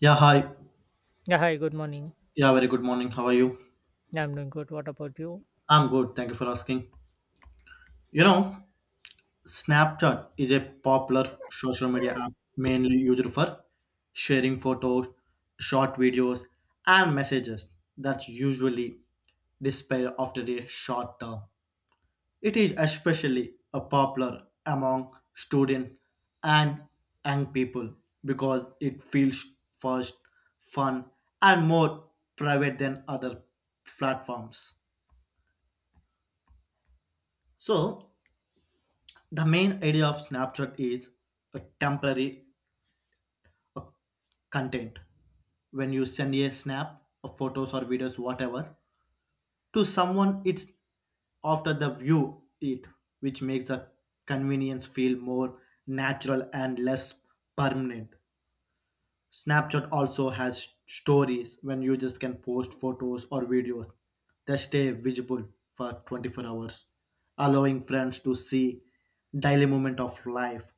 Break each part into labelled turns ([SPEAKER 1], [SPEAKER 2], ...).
[SPEAKER 1] Yeah, hi.
[SPEAKER 2] Yeah, hi, good morning.
[SPEAKER 1] Yeah, very good morning. How are you?
[SPEAKER 2] Yeah, I'm doing good. What about you?
[SPEAKER 1] I'm good. Thank you for asking. You know, Snapchat is a popular social media app mainly used for sharing photos, short videos, and messages that usually disappear after a short term. It is especially a popular among students and young people because it feels fast, fun, and more private than other platforms. So, the main idea of Snapchat is a temporary content. When you send a snap of photos or videos, whatever, to someone, it's after the view it, which makes the convenience feel more natural and less permanent. Snapchat also has stories when users can post photos or videos that stay visible for 24 hours, allowing friends to see daily moment of life.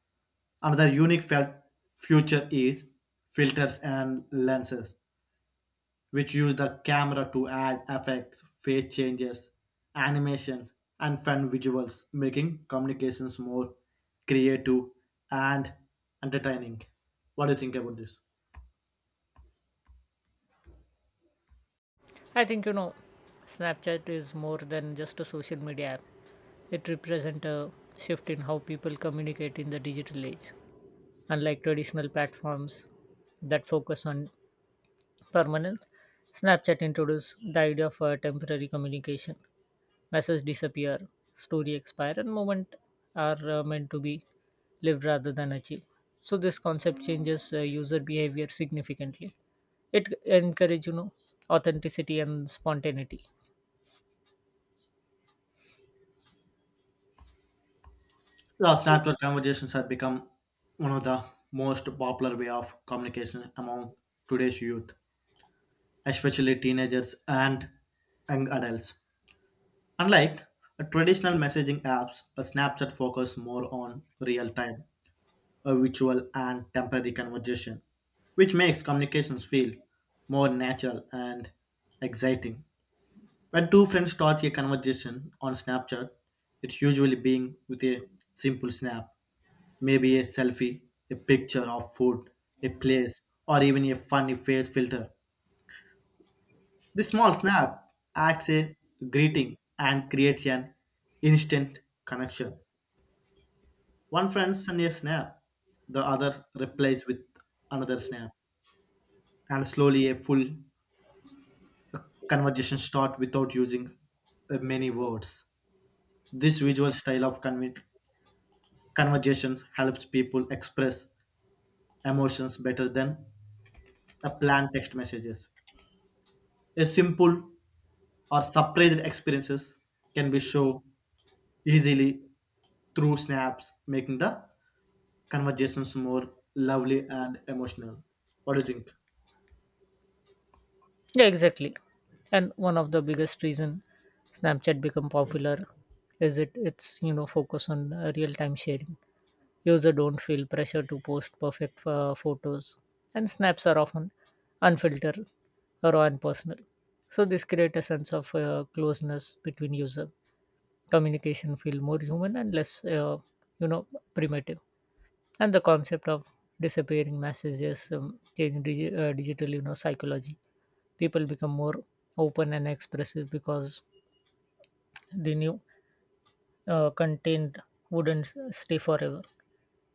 [SPEAKER 1] Another unique feature is filters and lenses, which use the camera to add effects, face changes, animations, and fun visuals, making communications more creative and entertaining. What do you think about this?
[SPEAKER 2] I think Snapchat is more than just a social media app. It represents a shift in how people communicate in the digital age. Unlike traditional platforms that focus on permanent, Snapchat introduced the idea of temporary communication. Messages disappear, story expire, and moment are meant to be lived rather than achieved. So this concept changes user behavior significantly. It encourages authenticity and spontaneity.
[SPEAKER 1] Yeah, Snapchat conversations have become one of the most popular way of communication among today's youth, especially teenagers and young adults. Unlike traditional messaging apps, a Snapchat focuses more on real time, a visual and temporary conversation, which makes communications feel more natural and exciting. When two friends start a conversation on Snapchat, it's usually being with a simple snap, maybe a selfie, a picture of food, a place, or even a funny face filter. This small snap acts a greeting and creates an instant connection. One friend sends a snap, the other replies with another snap, and slowly a full conversation starts without using many words. This visual style of conversations helps people express emotions better than a planned text messages. A simple or surprised experiences can be shown easily through snaps, making the conversations more lovely and emotional. What do you think?
[SPEAKER 2] Yeah, exactly. And one of the biggest reason Snapchat become popular is it its focus on real time sharing. User don't feel pressure to post perfect photos, and snaps are often unfiltered, raw, and personal. So this creates a sense of closeness between user. Communication feel more human and less, you know, primitive. And the concept of disappearing messages change digital, psychology. People become more open and expressive because the new content wouldn't stay forever.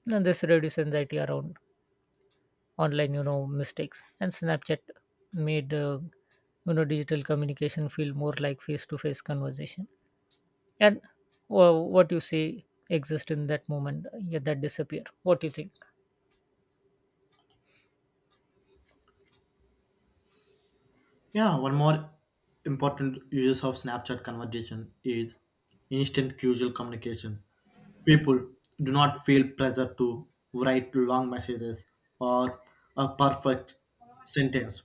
[SPEAKER 2] And this reduces anxiety around online mistakes, and snapchat made digital communication feel more like face to face conversation, and well, what you say exist in that moment, yeah, that disappear. What do you think?
[SPEAKER 1] Yeah, one more important uses of Snapchat conversation is instant casual communication. People do not feel pressure to write long messages or a perfect sentence.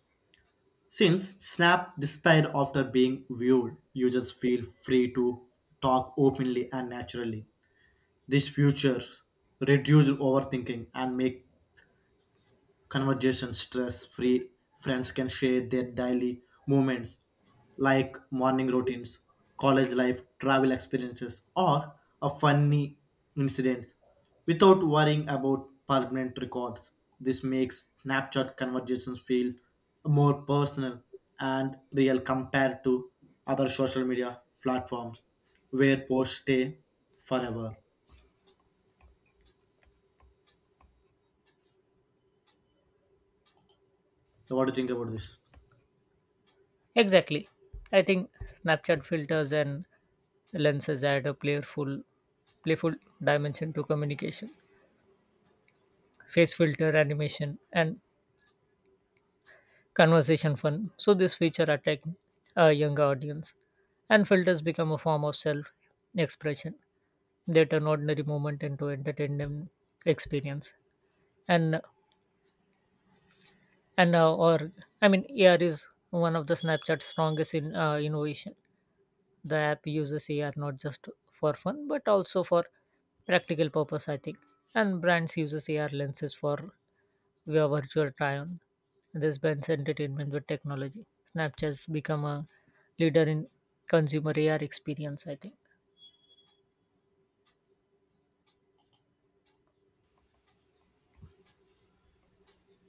[SPEAKER 1] Since Snap disappeared after being viewed, users feel free to talk openly and naturally. This feature reduces overthinking and make conversation stress free. Friends can share their daily moments like morning routines, college life, travel experiences, or a funny incident without worrying about permanent records. This makes Snapchat conversations feel more personal and real compared to other social media platforms where posts stay forever. What do you think about this?
[SPEAKER 2] Exactly. I think snapchat filters and lenses add a playful dimension to communication. Face filter animation and conversation fun, so this feature attract a younger audience, and filters become a form of self expression. They turn ordinary moment into entertainment experience. And and or I mean, AR is one of the Snapchat's strongest in innovation. The app uses AR not just for fun but also for practical purpose, I think. And brands uses AR lenses for via virtual try-on. This blends entertainment with technology. Snapchat's become a leader in consumer AR experience, I think.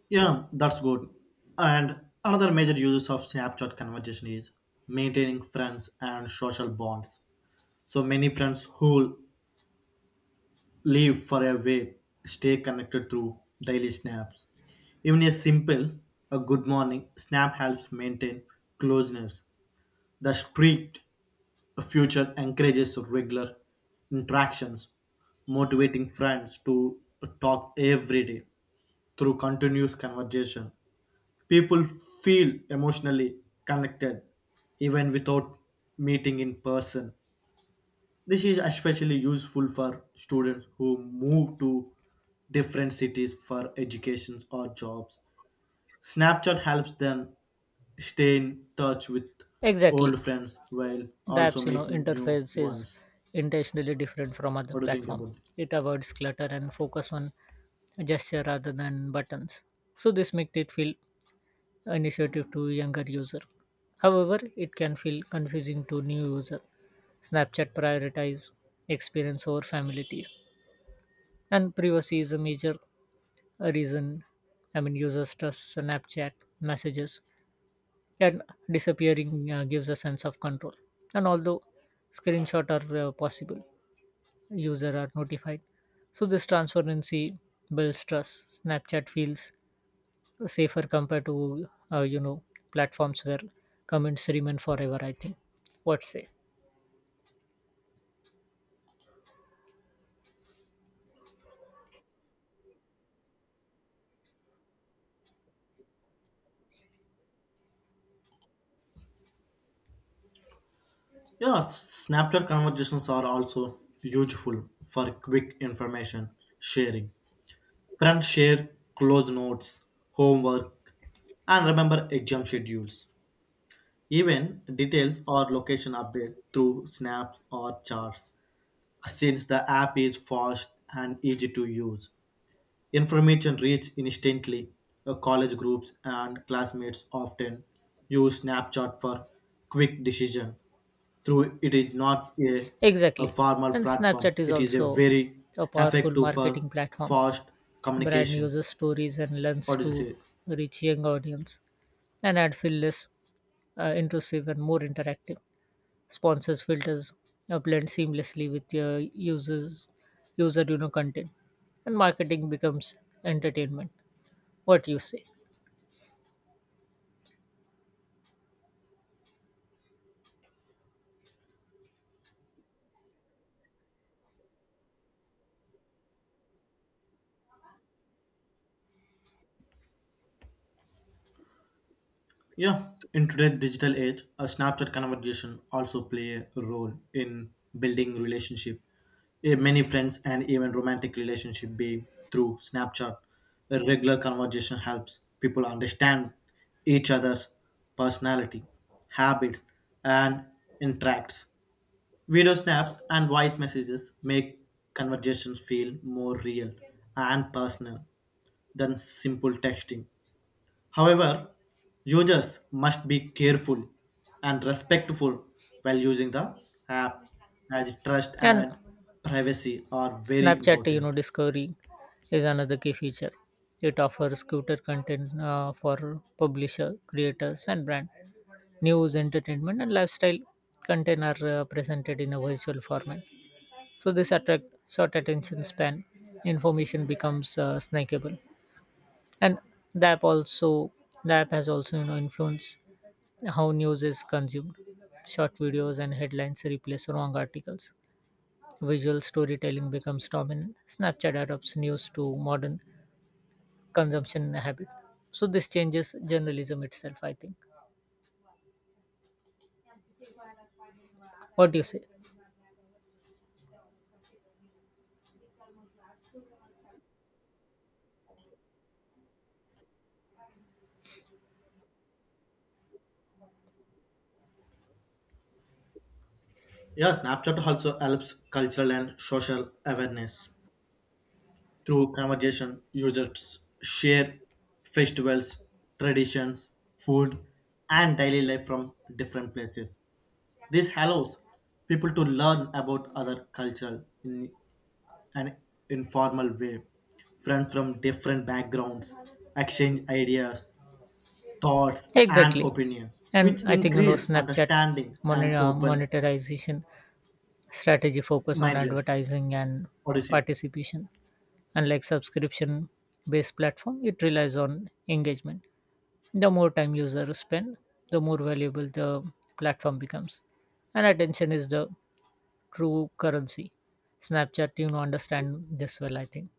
[SPEAKER 1] Yeah, that's good. And another major uses of Snapchat conversation is maintaining friends and social bonds. So many friends who live far away stay connected through daily snaps. Even a simple a good morning snap helps maintain closeness. The street future encourages regular interactions, motivating friends to talk every day through continuous conversation. People feel emotionally connected even without meeting in person. This is especially useful for students who move to different cities for education or jobs. Snapchat helps them stay in touch with
[SPEAKER 2] Exactly.
[SPEAKER 1] old friends while
[SPEAKER 2] The
[SPEAKER 1] also
[SPEAKER 2] app's
[SPEAKER 1] making new
[SPEAKER 2] interface is
[SPEAKER 1] ones.
[SPEAKER 2] intentionally different from other
[SPEAKER 1] What do you think
[SPEAKER 2] platform.
[SPEAKER 1] about that?
[SPEAKER 2] It avoids clutter and focus on gesture rather than buttons, so this makes it feel initiative to younger user. However, it can feel confusing to new user. Snapchat prioritize experience over familiarity, and privacy is a major reason. I mean, users trust snapchat messages, and disappearing gives a sense of control, and although screenshots are possible, user are notified. So this transparency builds trust. Snapchat feels safer compared to platforms where comments remain forever, I think. What say?
[SPEAKER 1] Yeah, Snapchat conversations are also useful for quick information sharing. Friends share close notes, homework, and remember exam schedules. Even details or location update through snaps or charts. Since the app is fast and easy to use, information reaches instantly. College groups and classmates often use Snapchat for quick decision. Through it is not a, a
[SPEAKER 2] Exactly.
[SPEAKER 1] formal
[SPEAKER 2] And
[SPEAKER 1] platform.
[SPEAKER 2] Snapchat is
[SPEAKER 1] It is a
[SPEAKER 2] also
[SPEAKER 1] very
[SPEAKER 2] a powerful
[SPEAKER 1] effective for
[SPEAKER 2] marketing platform.
[SPEAKER 1] fast
[SPEAKER 2] Brand
[SPEAKER 1] communication.
[SPEAKER 2] uses stories and lens
[SPEAKER 1] What do you
[SPEAKER 2] to
[SPEAKER 1] say?
[SPEAKER 2] reach young audience, and ad feel less intrusive and more interactive. Sponsors filters blend seamlessly with your users user content, and marketing becomes entertainment. What you say?
[SPEAKER 1] Yeah, in today's digital age, a Snapchat conversation also play a role in building relationship. Eh, many friends and even romantic relationship be through Snapchat. A regular conversation helps people understand each other's personality, habits, and interacts. Video snaps and voice messages make conversations feel more real and personal than simple texting. However, users must be careful and respectful while using the app as trust
[SPEAKER 2] And
[SPEAKER 1] and privacy are very
[SPEAKER 2] snapchat
[SPEAKER 1] important.
[SPEAKER 2] discovery is another key feature. It offers cuter content for publisher creators and brand. News entertainment and lifestyle content are presented in a visual format, so this attract short attention span. Information becomes snackable. And the app also the app has also influenced how news is consumed. Short videos and headlines replace wrong articles. Visual storytelling becomes dominant. Snapchat adopts news to modern consumption habit, so this changes journalism itself, I think. What do you say?
[SPEAKER 1] Yeah, Snapchat also helps cultural and social awareness through conversation. Users share festivals, traditions, food, and daily life from different places. This allows people to learn about other cultural in an informal way. Friends from different backgrounds exchange ideas, thoughts, and
[SPEAKER 2] Exactly.
[SPEAKER 1] opinions,
[SPEAKER 2] And
[SPEAKER 1] which
[SPEAKER 2] I think
[SPEAKER 1] increase
[SPEAKER 2] snapchat
[SPEAKER 1] understanding and open
[SPEAKER 2] monetization strategy focus on
[SPEAKER 1] mindless.
[SPEAKER 2] advertising and
[SPEAKER 1] What do you say?
[SPEAKER 2] participation. Unlike subscription based platform, it relies on engagement. The more time users spend, the more valuable the platform becomes. And attention is the true currency. Snapchat, understand this well, I think.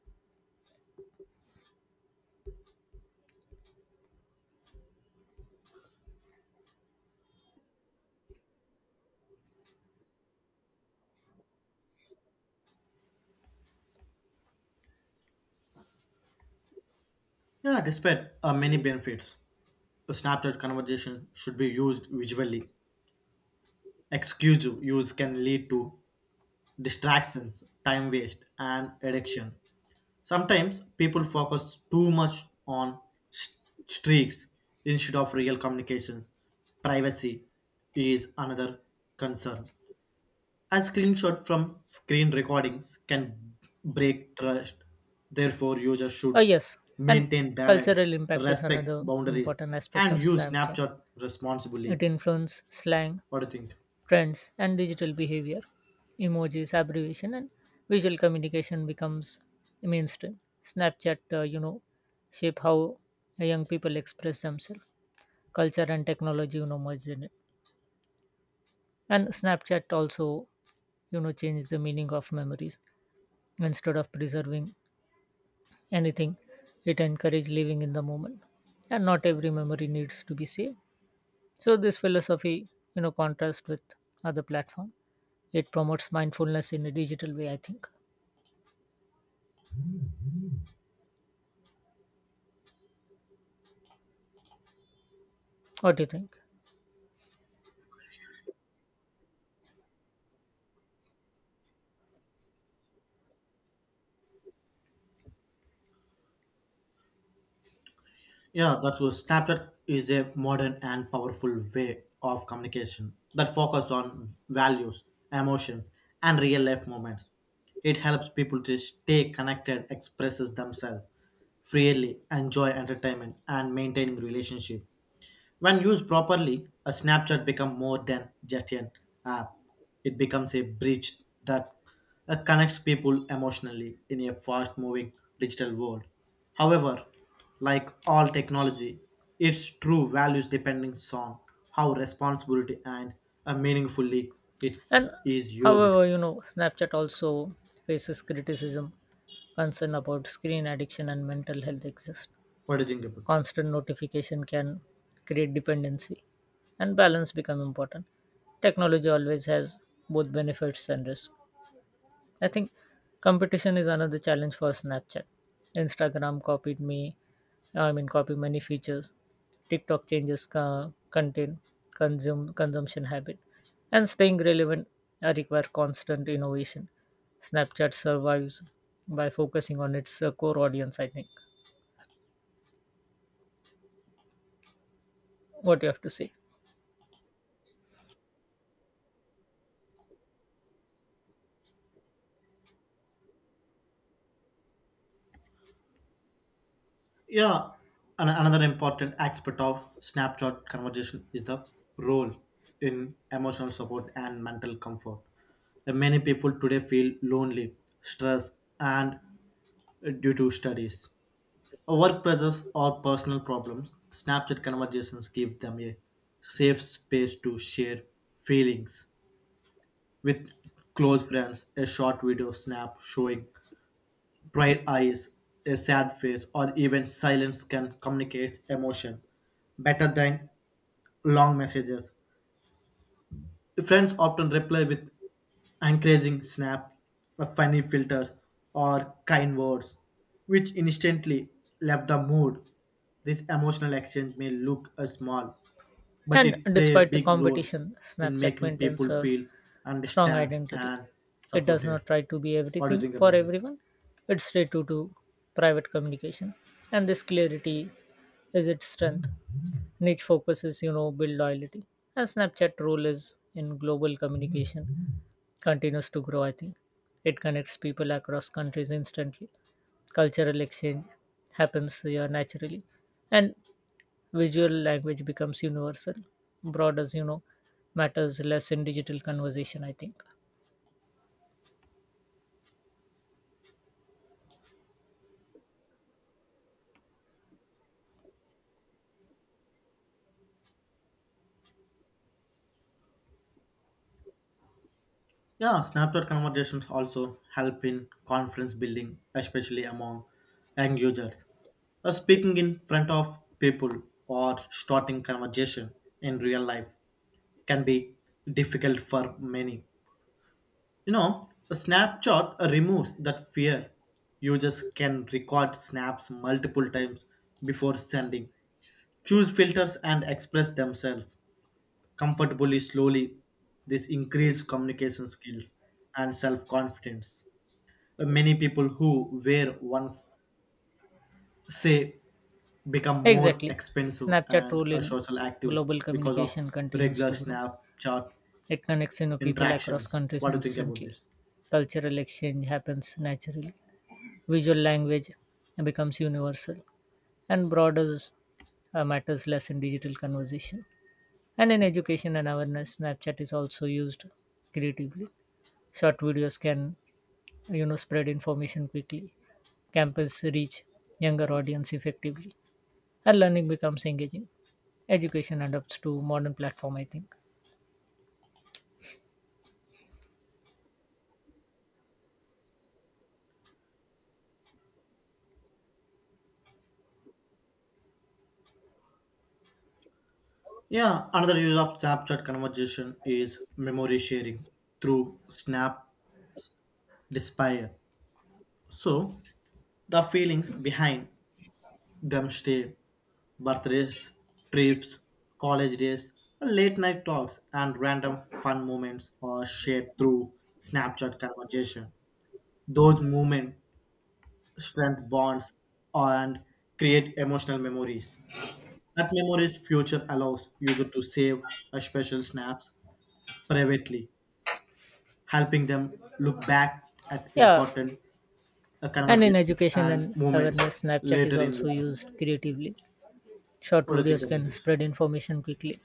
[SPEAKER 1] Yeah, despite many benefits, the Snapchat conversation should be used visually. Exclusive use can lead to distractions, time waste, and addiction. Sometimes people focus too much on st- streaks instead of real communications. Privacy is another concern. A screenshot from screen recordings can break trust. Therefore, users
[SPEAKER 2] Oh,
[SPEAKER 1] should
[SPEAKER 2] yes. And
[SPEAKER 1] maintain balance,
[SPEAKER 2] cultural impact is
[SPEAKER 1] respect
[SPEAKER 2] another
[SPEAKER 1] boundaries,
[SPEAKER 2] important aspect
[SPEAKER 1] and
[SPEAKER 2] of
[SPEAKER 1] use
[SPEAKER 2] Snapchat.
[SPEAKER 1] Snapchat responsibly.
[SPEAKER 2] It influences slang,
[SPEAKER 1] What do you think?
[SPEAKER 2] trends and digital behavior. Emojis abbreviation and visual communication becomes mainstream. Snapchat shape how young people express themselves. Culture and technology merged in it. And snapchat also changed the meaning of memories. Instead of preserving anything, it encouraged living in the moment, and not every memory needs to be saved. So this philosophy contrasts with other platforms. It promotes mindfulness in a digital way, I think. What do you think?
[SPEAKER 1] Yeah, that's what Snapchat is a modern and powerful way of communication that focus on values, emotions, and real life moments. It helps people to stay connected, expresses themselves freely, enjoy entertainment, and maintaining relationship. When used properly, a Snapchat becomes more than just an app. It becomes a bridge that connects people emotionally in a fast moving digital world. However, like all technology, its true values depending on how responsibility and meaningfully it
[SPEAKER 2] And
[SPEAKER 1] is used.
[SPEAKER 2] however, Snapchat also faces criticism, concern about screen addiction and mental health exist.
[SPEAKER 1] What do you think about it?
[SPEAKER 2] Constant notification can create dependency, and balance become important. Technology always has both benefits and risks. I think competition is another challenge for Snapchat. Instagram copied me, I mean, copied many features. TikTok changes content, consume consumption habit, and staying relevant require constant innovation. Snapchat survives by focusing on its core audience, I think. What you have to say?
[SPEAKER 1] Yeah, and another important aspect of Snapchat conversation is the role in emotional support and mental comfort. Many people today feel lonely, stressed, and due to studies, work pressures, or personal problems. Snapchat conversations give them a safe space to share feelings with close friends. A short video snap showing bright eyes, a sad face, or even silence can communicate emotion better than long messages. Friends often reply with encouraging snap, funny filters, or kind words, which instantly left the mood. This emotional exchange may look small, but
[SPEAKER 2] And
[SPEAKER 1] it play a
[SPEAKER 2] despite the
[SPEAKER 1] big role
[SPEAKER 2] competition,
[SPEAKER 1] in
[SPEAKER 2] Snapchat
[SPEAKER 1] making
[SPEAKER 2] maintains
[SPEAKER 1] people
[SPEAKER 2] a
[SPEAKER 1] feel
[SPEAKER 2] strong
[SPEAKER 1] understand
[SPEAKER 2] identity.
[SPEAKER 1] and
[SPEAKER 2] It does
[SPEAKER 1] supported.
[SPEAKER 2] not try to be
[SPEAKER 1] What do you
[SPEAKER 2] everything
[SPEAKER 1] think
[SPEAKER 2] for
[SPEAKER 1] about this?
[SPEAKER 2] everyone. It's straight to private communication. And this clarity is its strength. Niche focuses, build loyalty. And Snapchat role is in global communication continues to grow, I think. It connects people across countries instantly. Cultural exchange happens here naturally. And visual language becomes universal. Broad as matters less in digital conversation, I think.
[SPEAKER 1] Yeah, Snapchat conversations also help in confidence building, especially among young users. Speaking in front of people or starting conversation in real life can be difficult for many. You know, the Snapchat removes that fear. Users can record snaps multiple times before sending, choose filters, and express themselves comfortably slowly. This increased communication skills and self confidence. Many people who wear once say become more
[SPEAKER 2] Exactly.
[SPEAKER 1] expensive
[SPEAKER 2] Snapchat
[SPEAKER 1] and
[SPEAKER 2] role
[SPEAKER 1] a
[SPEAKER 2] in
[SPEAKER 1] social active
[SPEAKER 2] global
[SPEAKER 1] because of
[SPEAKER 2] communication continues
[SPEAKER 1] regular
[SPEAKER 2] to grow.
[SPEAKER 1] Snapchat
[SPEAKER 2] It connects, people across
[SPEAKER 1] interactions.
[SPEAKER 2] countries
[SPEAKER 1] What do you think about
[SPEAKER 2] instantly.
[SPEAKER 1] this?
[SPEAKER 2] Cultural exchange happens naturally. Visual language becomes universal, and borders matters less in digital conversation. And in education and awareness, Snapchat is also used creatively. Short videos can spread information quickly. Campus reach younger audience effectively, and learning becomes engaging. Education adapts to modern platform, I think.
[SPEAKER 1] Yeah, another use of Snapchat conversation is memory sharing through Snap Despair. So, the feelings behind Domesday, birthdays, trips, college days, late night talks, and random fun moments are shared through Snapchat conversation. Those moments strengthen bonds and create emotional memories. That memories future allows user to save a special snaps privately, helping them look back at
[SPEAKER 2] Yeah,
[SPEAKER 1] important
[SPEAKER 2] and in
[SPEAKER 1] conversations
[SPEAKER 2] education
[SPEAKER 1] and
[SPEAKER 2] and
[SPEAKER 1] moments
[SPEAKER 2] awareness, Snapchat is
[SPEAKER 1] later in
[SPEAKER 2] also
[SPEAKER 1] life.
[SPEAKER 2] used creatively. Short
[SPEAKER 1] What do you think
[SPEAKER 2] videos
[SPEAKER 1] about
[SPEAKER 2] can
[SPEAKER 1] this?
[SPEAKER 2] spread information quickly.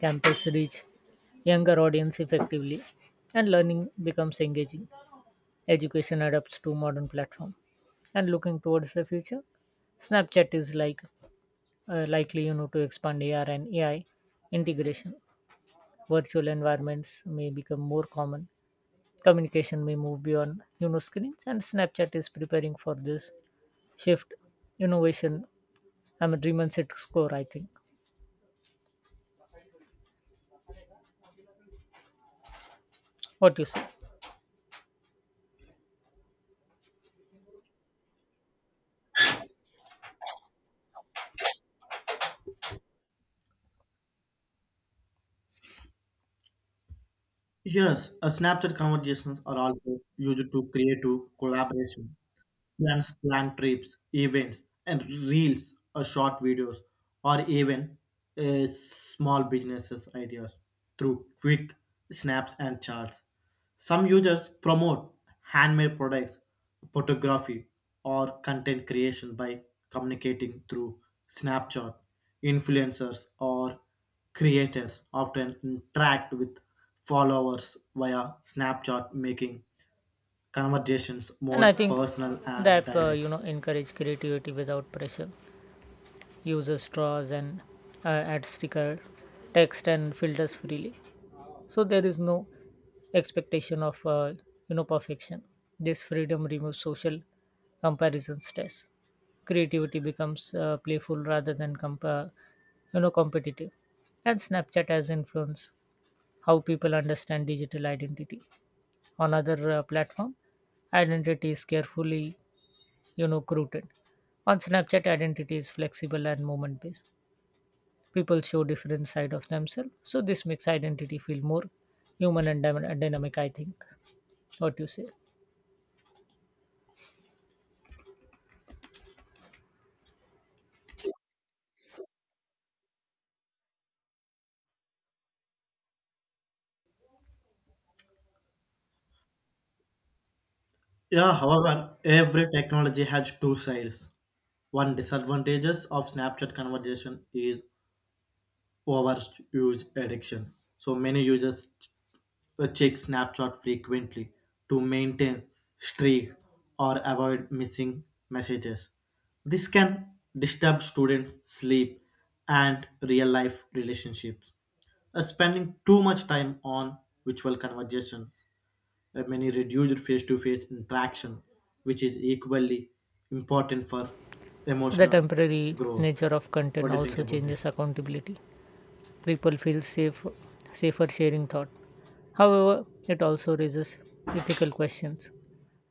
[SPEAKER 2] Campus reach younger audience effectively, and learning becomes engaging. Education adapts to modern platform. And looking towards the future, Snapchat is likely to expand AR and AI integration. Virtual environments may become more common. Communication may move beyond screens, and Snapchat is preparing for this shift. Innovation. I'm a dream and score, I think. What you say?
[SPEAKER 1] Yes, Snapchat conversations are also used to create to collaboration. Plans plan trips, events, and reels or short videos, or even small businesses ideas through quick snaps and charts. Some users promote handmade products, photography, or content creation by communicating through Snapchat. Influencers or creators often interact with followers via Snapchat, making conversations
[SPEAKER 2] And
[SPEAKER 1] more
[SPEAKER 2] I think
[SPEAKER 1] personal and
[SPEAKER 2] that
[SPEAKER 1] direct.
[SPEAKER 2] encourage creativity without pressure. Users draws and uh, add sticker, text and filters freely, so there is no expectation of perfection. This freedom removes social comparison stress. Creativity becomes playful rather than competitive. And snapchat has influenced how people understand digital identity. On other platform, identity is carefully rooted. On snapchat, identity is flexible and moment based. People show different side of themselves, so this makes identity feel more human and dynamic, I think. What you say?
[SPEAKER 1] Yeah, however, every technology has two sides. One disadvantages of Snapchat conversation is overuse addiction. So many users check Snapchat frequently to maintain streak or avoid missing messages. This can disturb students' sleep and real-life relationships. Spending too much time on virtual conversations many reduced face to face interaction, which is equally important for
[SPEAKER 2] The
[SPEAKER 1] emotional
[SPEAKER 2] temporary
[SPEAKER 1] growth.
[SPEAKER 2] nature of
[SPEAKER 1] What
[SPEAKER 2] content
[SPEAKER 1] do you think
[SPEAKER 2] also
[SPEAKER 1] about this?
[SPEAKER 2] changes accountability. People feel safer sharing thought. However, it also raises ethical questions.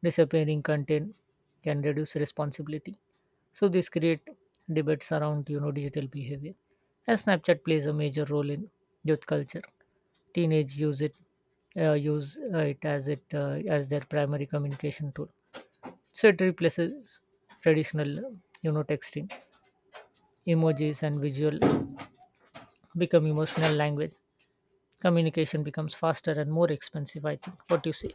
[SPEAKER 2] Disappearing content can reduce responsibility. So this create debates around digital behavior. And Snapchat plays a major role in youth culture. Teenage use it as their primary communication tool, so it replaces traditional texting. Emojis and visual become emotional language. Communication becomes faster and more expensive, I think. What you say?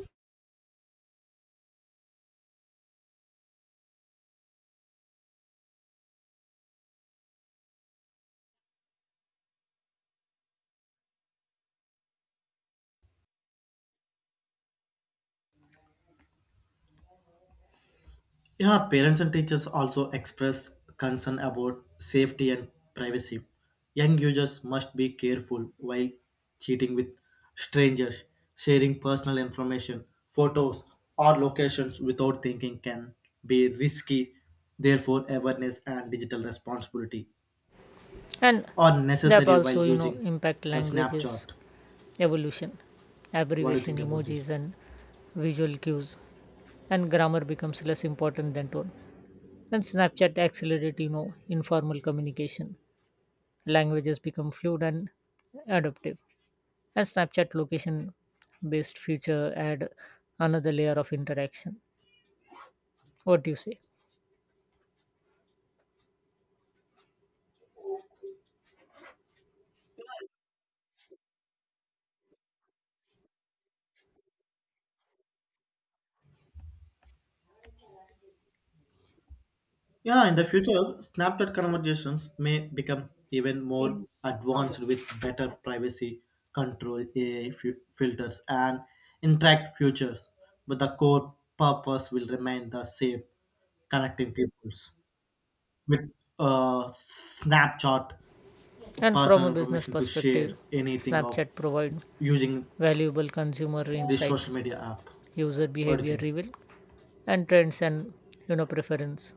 [SPEAKER 1] Yeah, parents and teachers also express concern about safety and privacy. Young users must be careful while cheating with strangers, sharing personal information, photos, or locations without thinking can be risky. Therefore, awareness and digital responsibility
[SPEAKER 2] And
[SPEAKER 1] or
[SPEAKER 2] that
[SPEAKER 1] necessary while
[SPEAKER 2] also
[SPEAKER 1] using
[SPEAKER 2] impact
[SPEAKER 1] a
[SPEAKER 2] languages
[SPEAKER 1] Snapchat.
[SPEAKER 2] evolution.
[SPEAKER 1] What do you
[SPEAKER 2] Abbreviation
[SPEAKER 1] think about this?
[SPEAKER 2] emojis and visual cues, and grammar becomes less important than tone. And snapchat accelerated informal communication. Languages become fluid and adaptive. A Snapchat location based feature add another layer of interaction. What do you say?
[SPEAKER 1] Yeah, in the future, Snapchat conversations may become even more advanced with better privacy control, AI filters, and interact features. But the core purpose will remain the same connecting peoples with Snapchat
[SPEAKER 2] And from
[SPEAKER 1] personal
[SPEAKER 2] a business
[SPEAKER 1] information to
[SPEAKER 2] perspective,
[SPEAKER 1] share anything of
[SPEAKER 2] Snapchat provide
[SPEAKER 1] using
[SPEAKER 2] valuable consumer
[SPEAKER 1] this
[SPEAKER 2] insight,
[SPEAKER 1] social media app.
[SPEAKER 2] user
[SPEAKER 1] What do you
[SPEAKER 2] behavior
[SPEAKER 1] think?
[SPEAKER 2] reveal, and trends and preference.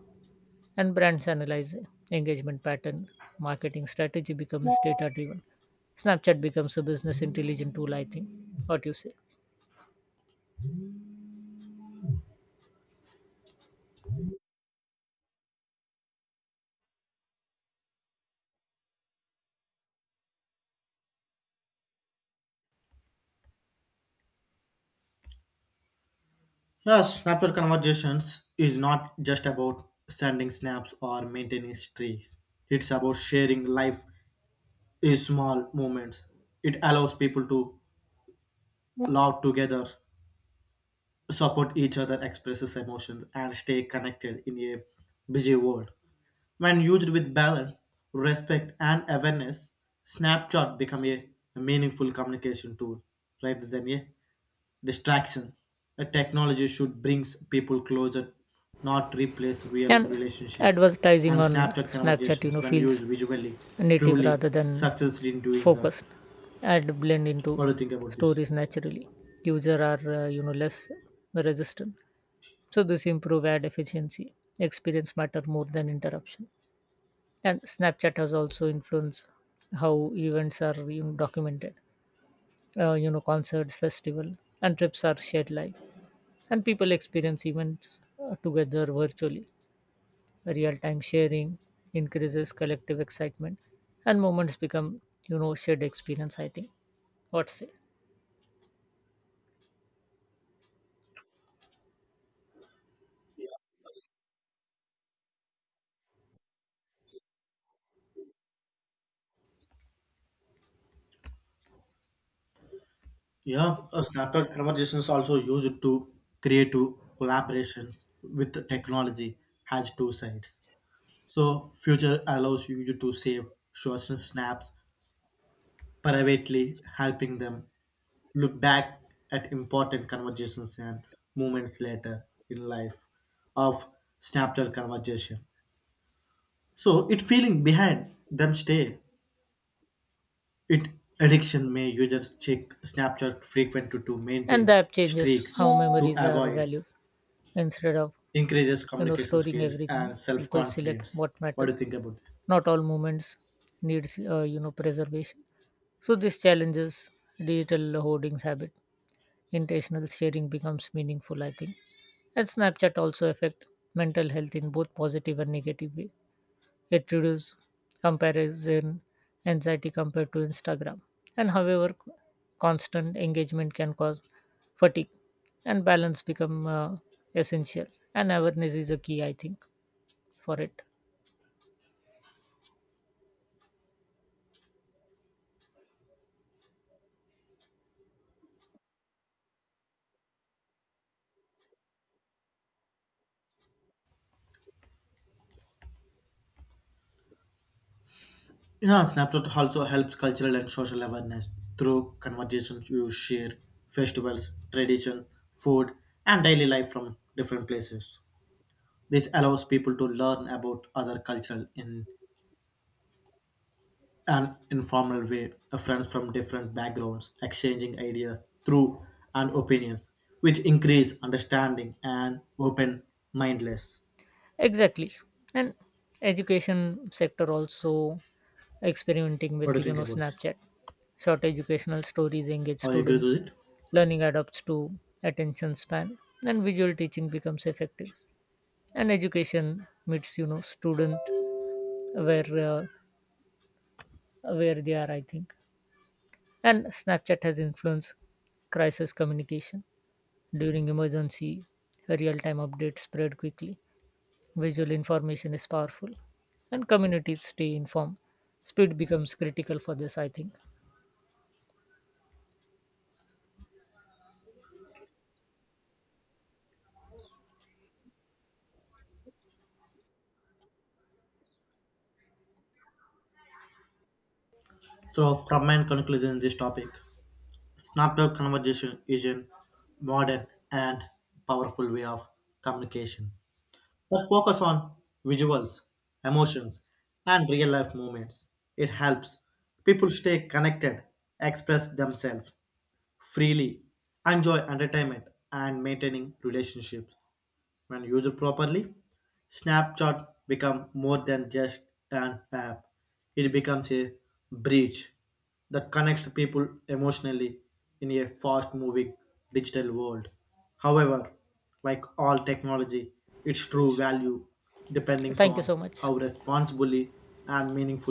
[SPEAKER 2] And brands analyze engagement pattern, marketing strategy becomes data driven. Snapchat becomes a business intelligent tool, I think. What do you say?
[SPEAKER 1] Yes, Snapchat conversations is not just about sending snaps or maintaining streaks. It's about sharing life in small moments. It allows people to laugh together, support each other, express emotions, and stay connected in a busy world. When used with balance, respect, and awareness, Snapchat becomes a meaningful communication tool rather than a distraction. A technology should bring people closer, not replace real
[SPEAKER 2] And
[SPEAKER 1] relationships.
[SPEAKER 2] advertising
[SPEAKER 1] And
[SPEAKER 2] on
[SPEAKER 1] Snapchat
[SPEAKER 2] snapchat
[SPEAKER 1] conversations, when
[SPEAKER 2] feels
[SPEAKER 1] used visually,
[SPEAKER 2] native
[SPEAKER 1] truly
[SPEAKER 2] rather than
[SPEAKER 1] success in doing that.
[SPEAKER 2] focused, and blend into
[SPEAKER 1] What do you think about this?
[SPEAKER 2] stories naturally. User are less resistant, so this improve ad efficiency. Experience matter more than interruption. And snapchat has also influenced how events are documented. Concerts festival and trips are shared live, and people experience events together virtually. Real time sharing increases collective excitement, and moments become shared experience, I think. What say?
[SPEAKER 1] Yeah, Snapchat conversations also used to create to collaborations with the technology has two sides. So future allows you to save short snaps privately helping them look back at important conversations and moments later in life of Snapchat conversation. So it feeling behind them stay. It addiction may users check Snapchat frequently to
[SPEAKER 2] And the
[SPEAKER 1] maintain
[SPEAKER 2] app changes
[SPEAKER 1] streaks
[SPEAKER 2] how
[SPEAKER 1] to
[SPEAKER 2] memories are
[SPEAKER 1] avoid,
[SPEAKER 2] valued. Instead of
[SPEAKER 1] increases communication
[SPEAKER 2] storing
[SPEAKER 1] skills
[SPEAKER 2] everything,
[SPEAKER 1] and
[SPEAKER 2] people select
[SPEAKER 1] self-confidence.
[SPEAKER 2] what
[SPEAKER 1] What do
[SPEAKER 2] matters.
[SPEAKER 1] you think about this?
[SPEAKER 2] Not all moments needs preservation. So this challenges digital hoardings habit. Intentional sharing becomes meaningful, I think. And snapchat also affect mental health in both positive and negative way. It reduces comparison anxiety compared to Instagram. And however, constant engagement can cause fatigue, and balance become essential. And awareness is a key, I think, for it.
[SPEAKER 1] Yeah, Snapchat also helps cultural and social awareness through conversations you share, festivals, tradition, food, and daily life from different places. This allows people to learn about other culture in an informal way, friends from different backgrounds exchanging ideas through and opinions, which increase understanding and open mindedness.
[SPEAKER 2] Exactly, and education sector also experimenting
[SPEAKER 1] What do
[SPEAKER 2] with
[SPEAKER 1] you think about this?
[SPEAKER 2] Snapchat. Short educational stories engage
[SPEAKER 1] Are you agree
[SPEAKER 2] students.
[SPEAKER 1] with it?
[SPEAKER 2] Learning adapts to attention span, and visual teaching becomes effective. And education meets student where uh, where they are, I think. And snapchat has influenced crisis communication during emergency. Real-time updates spread quickly. Visual information is powerful, and communities stay informed. Speed becomes critical for this, I think.
[SPEAKER 1] So, from my conclusion, this topic. Snapchat conversation is a modern and powerful way of communication that focus on visuals, emotions, and real life moments. It helps people stay connected, express themselves freely, enjoy entertainment, and maintaining relationships. When used properly, Snapchat becomes more than just an app. It becomes a bridge that connects people emotionally in a fast moving digital world. However, like all technology, its true value depends
[SPEAKER 2] Thank you
[SPEAKER 1] on
[SPEAKER 2] so much.
[SPEAKER 1] how responsibly and meaningfully